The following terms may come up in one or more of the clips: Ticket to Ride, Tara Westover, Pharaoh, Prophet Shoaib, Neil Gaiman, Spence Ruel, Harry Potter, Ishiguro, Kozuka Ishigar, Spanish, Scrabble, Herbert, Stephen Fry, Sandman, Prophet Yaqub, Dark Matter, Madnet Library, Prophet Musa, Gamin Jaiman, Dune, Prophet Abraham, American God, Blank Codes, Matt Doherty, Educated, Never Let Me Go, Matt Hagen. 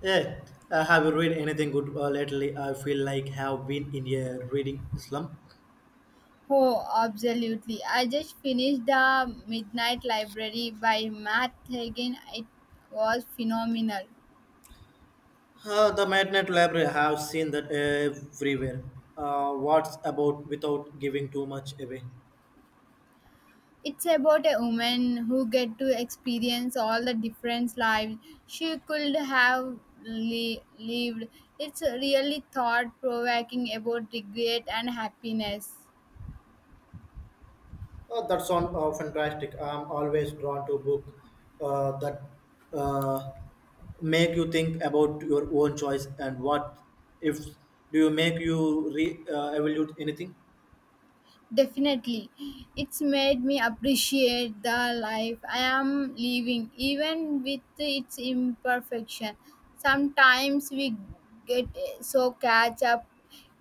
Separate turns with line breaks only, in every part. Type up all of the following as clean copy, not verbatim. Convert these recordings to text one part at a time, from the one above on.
Yeah, have you read anything good lately? I feel like have been in a reading slump.
Oh, absolutely. I just finished The Midnight Library by Matt Hagen. It was phenomenal.
The Madnet Library, I have seen that everywhere. What's about without giving too much away?
It's about a woman who get to experience all the different lives she could have lived. It's really thought provoking about regret and happiness.
That sounds fantastic. I'm always drawn to book that uh, make you think about your own choice and what if do you make you re evaluate anything?
Definitely. It's made me appreciate the life I am living, even with its imperfection. Sometimes we get so catch up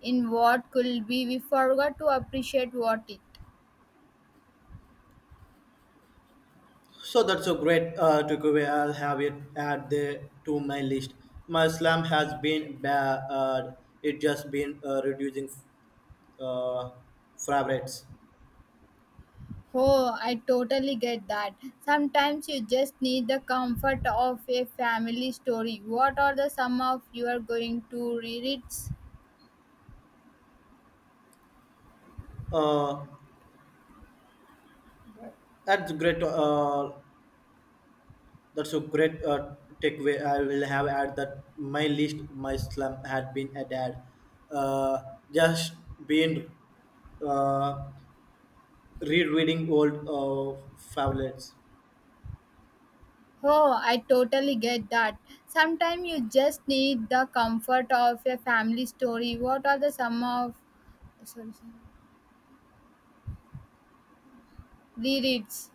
in what could be, we forgot to appreciate what it.
So that's a great takeaway. I'll have it add the to my list. My slam has been bad. It just been reducing uh, favorites.
Oh, I totally get that. Sometimes you just need the comfort of a family story. What are the sum of you are going to read it?
Uh, that's great. That's a great takeaway. I will have add that my list. My slam had been added. Uh, just been uh, rereading old favorites.
Oh, I totally get that. Sometimes you just need the comfort of a family story. What are the sum of sorry, sorry. Rereads?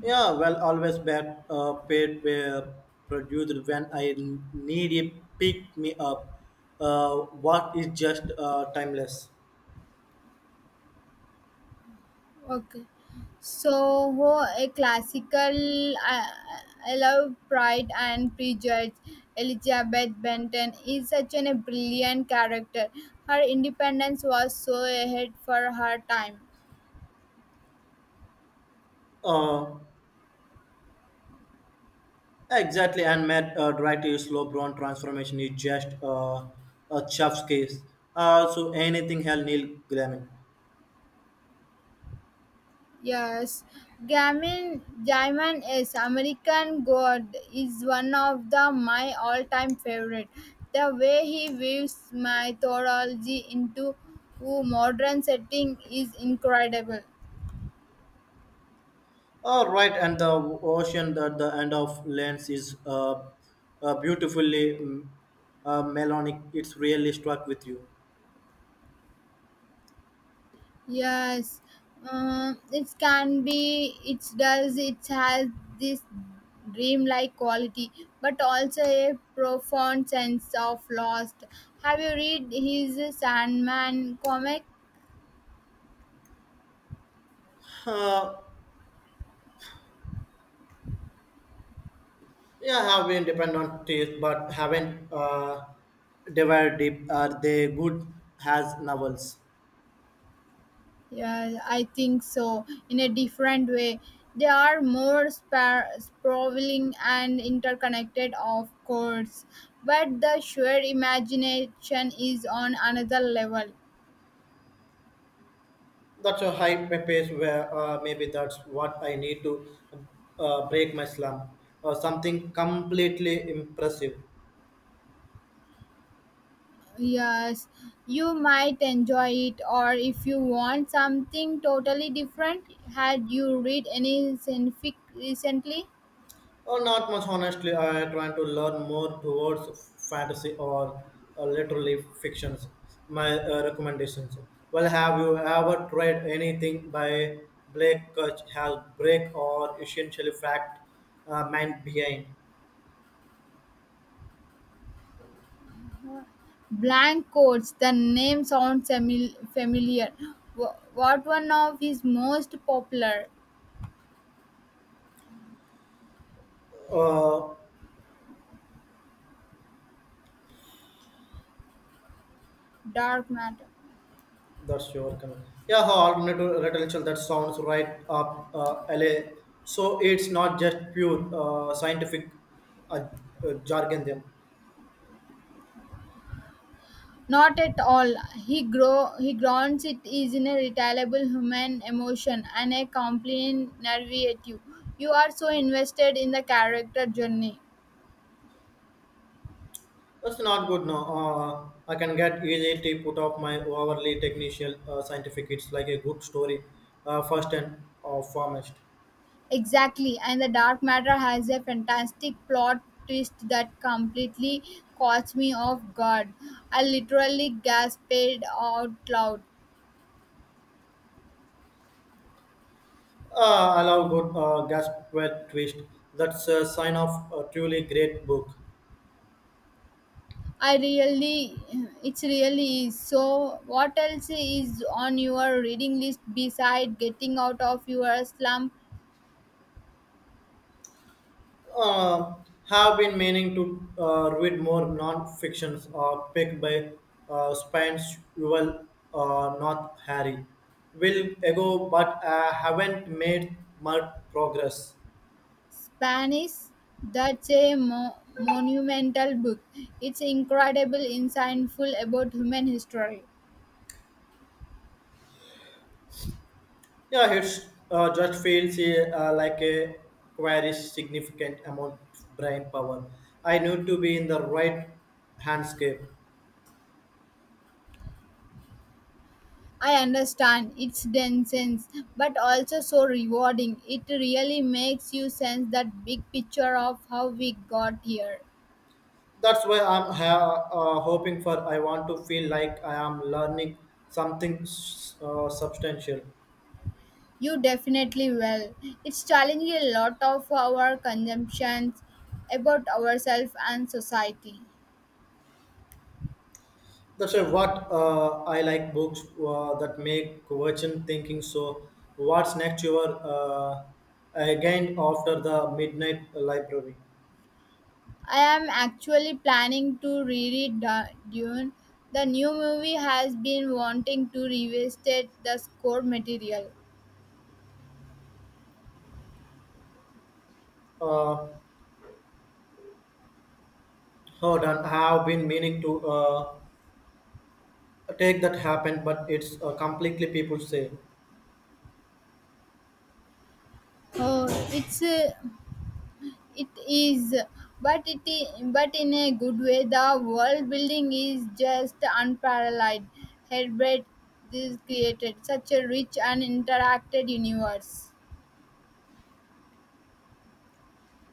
Yeah, well, always back paid were produced when I need it, pick me up. What is just timeless.
Okay. So, oh, a classical, I love Pride and Prejudice. Elizabeth Benton is such a brilliant character. Her independence was so ahead for her time.
Uh, exactly, and Matt Doherty slow brown transformation is just a chef's case. So anything hell Neil Gaiman.
Yes, Gamin Jaiman is American God is one of the my all-time favorite. The way he weaves mythology into a modern setting is incredible.
All right, and the ocean at the end of lens is beautifully melodic. It's really struck with you.
Yes, it can be. It does. It has this dreamlike quality, but also a profound sense of lost. Have you read his Sandman comic?
Uh, Yeah, I have been depend on taste, but haven't devoured deep. Are they good as novels?
Yeah, I think so. In a different way, they are more sprawling and interconnected, of course, but the sheer imagination is on another level.
That's a high pace where maybe that's what I need to break my slump or something completely impressive.
Yes, you might enjoy it, or if you want something totally different, had you read any science fic recently?
Oh, not much, honestly. I try to learn more towards fantasy or literally fictions. My recommendations. Well, have you ever tried anything by Blake Kurtz? Has break or essentially fact mind behind?
Blank Codes, the name sounds familiar. What one of his most popular?
Uh,
Dark matter?
that's your comment. Yeah, how alternative literature that sounds right up LA. So it's not just pure scientific uh, jargon. Then.
Not at all. He grounds it is in a retailable human emotion and a compelling narrative. You are so invested in the character journey.
That's not good. No, I can get easy to put off my overly technical scientific. It's like a good story, first and foremost.
Exactly, and the dark matter has a fantastic plot twist that completely caught me off guard. I literally gasped out loud.
I love good gasp twist. That's a sign of a truly great book.
I really, it's really is. So, what else is on your reading list beside getting out of your slump?
Uh, have been meaning to read more non-fictions picked by Spence Ruel, not Harry. Will ago, but I haven't made much progress.
Spanish, that's a monumental book. It's incredible, insightful about human history.
Yeah, it's just feels like a queries significant amount of brain power. I need to be in the right handscape.
I understand its dense, but also so rewarding. It really makes you sense that big picture of how we got here.
That's why I'm hoping for. I want to feel like I am learning something substantial.
You definitely will. It's challenging a lot of our consumptions about ourselves and society.
That's why what I like books that make question thinking. So, what's next? Your again after the midnight library
I am actually planning to reread Dune. The new movie has been wanting to revisit the score material.
uh, hold on. I have been meaning to take that happened, but it's completely people say
Oh, it is, but but in a good way. The world building is just unparalleled. Herbert is created such a rich and interacted universe.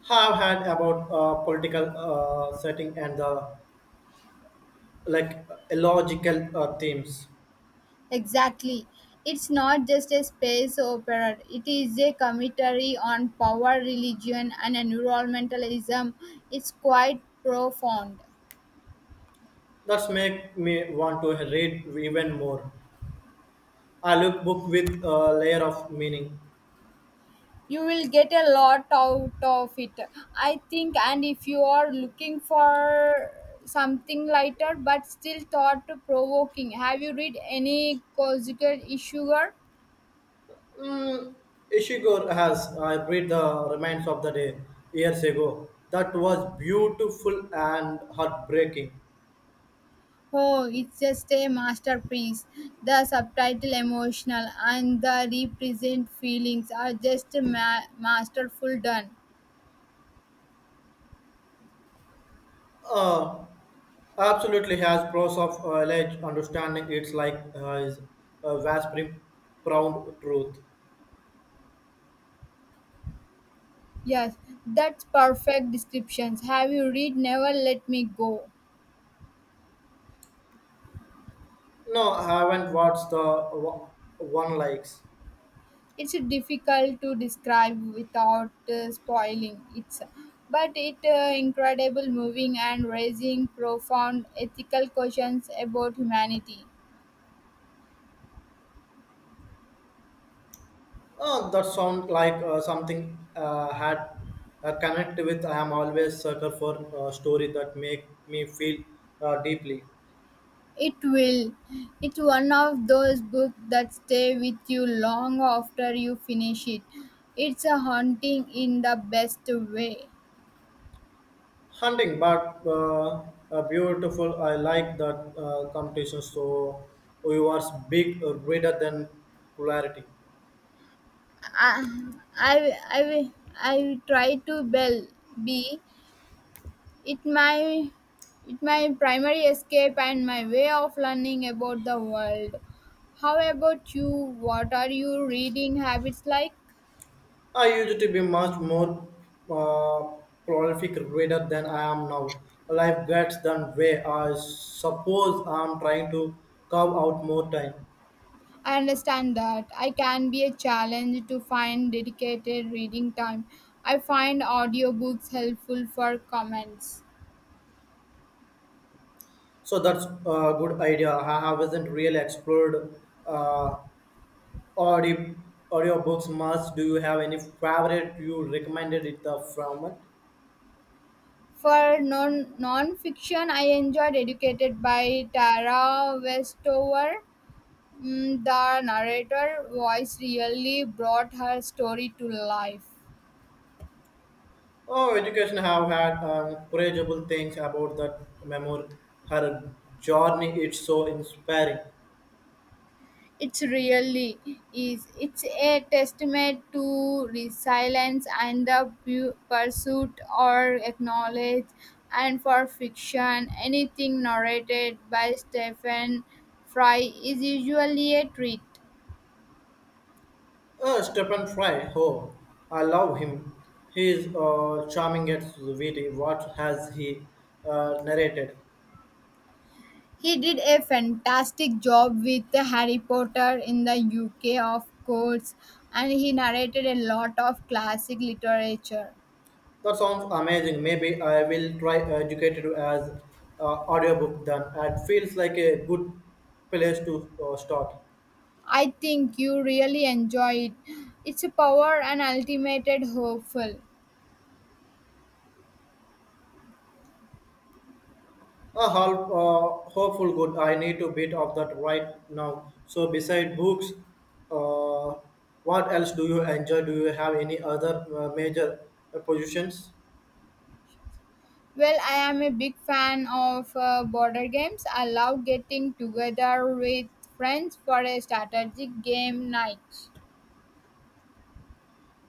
have had about political setting and the like illogical themes.
Exactly. It's not just a space opera, it is a commentary on power, religion, and environmentalism. It's quite profound.
That's make me want to read even more. I look book with a layer of meaning.
You will get a lot out of it, I think. And if you are looking for something lighter but still thought provoking, have you read any Kozuka Ishigar?
Mm, Ishiguro has I read the remains of the day years ago. That was beautiful and heartbreaking.
Oh, it's just a masterpiece. The subtitle emotional and the represent feelings are just masterful done.
Uh, Absolutely has pros of like understanding it's like is a vast profound truth.
Yes, that's perfect descriptions. Have you read Never Let Me Go?
No, I haven't watched the wa- one likes.
It's difficult to describe without spoiling it, but it incredible, moving and raising profound ethical questions about humanity.
Oh, that sound like something had connect with. I am always sucker for story that make me feel deeply.
It will. It's one of those books that stay with you long after you finish it. It's a haunting in the best way.
Hunting, but beautiful. I like that competition. So you are big greater than polarity.
I, I try to be. It my, it my primary escape and my way of learning about the world. How about you? What are you reading habits like?
I used to be much more uh, prolific reader than I am now. Life gets done way. I suppose I'm trying to carve out more time.
I understand that. I can be a challenge to find dedicated reading time. I find audiobooks helpful for comments.
So that's a good idea. I haven't really explored uh, audio audiobooks much. Do you have any favorite you recommended it the format?
For non-fiction, I enjoyed Educated by Tara Westover. Mm, the narrator voice really brought her story to life.
Oh, education have had incredible things about that memoir. Her journey is so inspiring.
It's really is. It's a testament to resilience and the pursuit or acknowledge and for fiction. Anything narrated by Stephen Fry is usually a treat.
Stephen Fry, oh, I love him. He is charming at witty. What has he narrated?
He did a fantastic job with the Harry Potter in the UK, of course, and he narrated a lot of classic literature.
That sounds amazing. Maybe I will try Educated as audiobook then. It feels like a good place to start.
I think you really enjoy it. It's a power and ultimate hopeful.
A half, hopeful good. I need to bit of that right now. So beside books, uh, what else do you enjoy? Do you have any other major positions?
Well, I am a big fan of border games. I love getting together with friends for a strategic game night.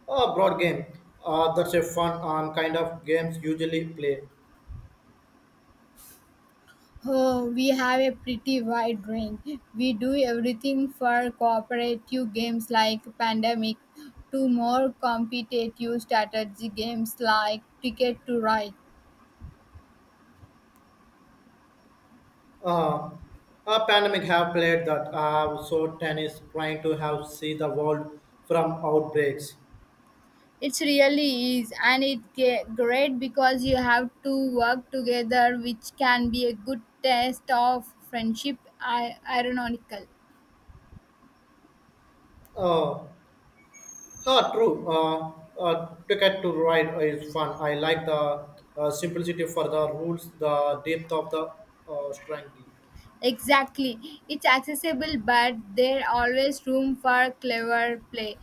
Broad game. That's a fun kind of games usually play.
Oh, we have a pretty wide range. We do everything for cooperative games like Pandemic to more competitive strategy games like Ticket to Ride.
Uh, a pandemic have played that. So tennis trying to have see the world from outbreaks.
It really is, and it's great because you have to work together, which can be a good test of friendship. Ironical.
Uh, True. Ticket to ride is fun. I like the simplicity for the rules, the depth of the strength.
Exactly. It's accessible, but there always room for clever play.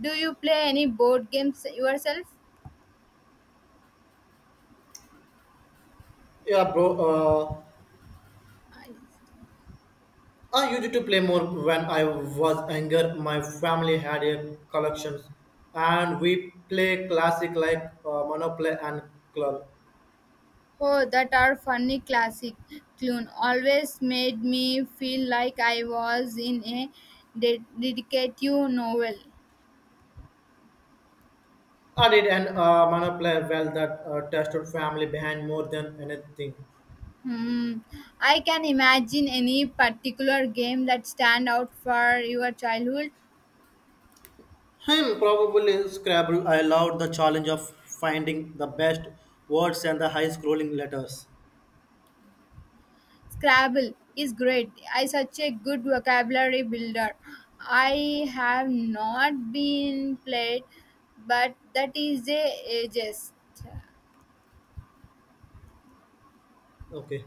Do you play any board games yourself?
Yeah, bro. I used to play more when I was younger. My family had a collection, and we play classic like Monopoly and Club.
Oh, that are funny classic. Clune always made me feel like I was in a detective novel.
I did an Monopoly well that tested family behind more than anything.
Hmm. I can imagine any particular game that stand out for your childhood.
Him probably Scrabble. I loved the challenge of finding the best words and the high scrolling letters.
Scrabble is great. I such a good vocabulary builder. I have not been played, but that is a ages.
Okay.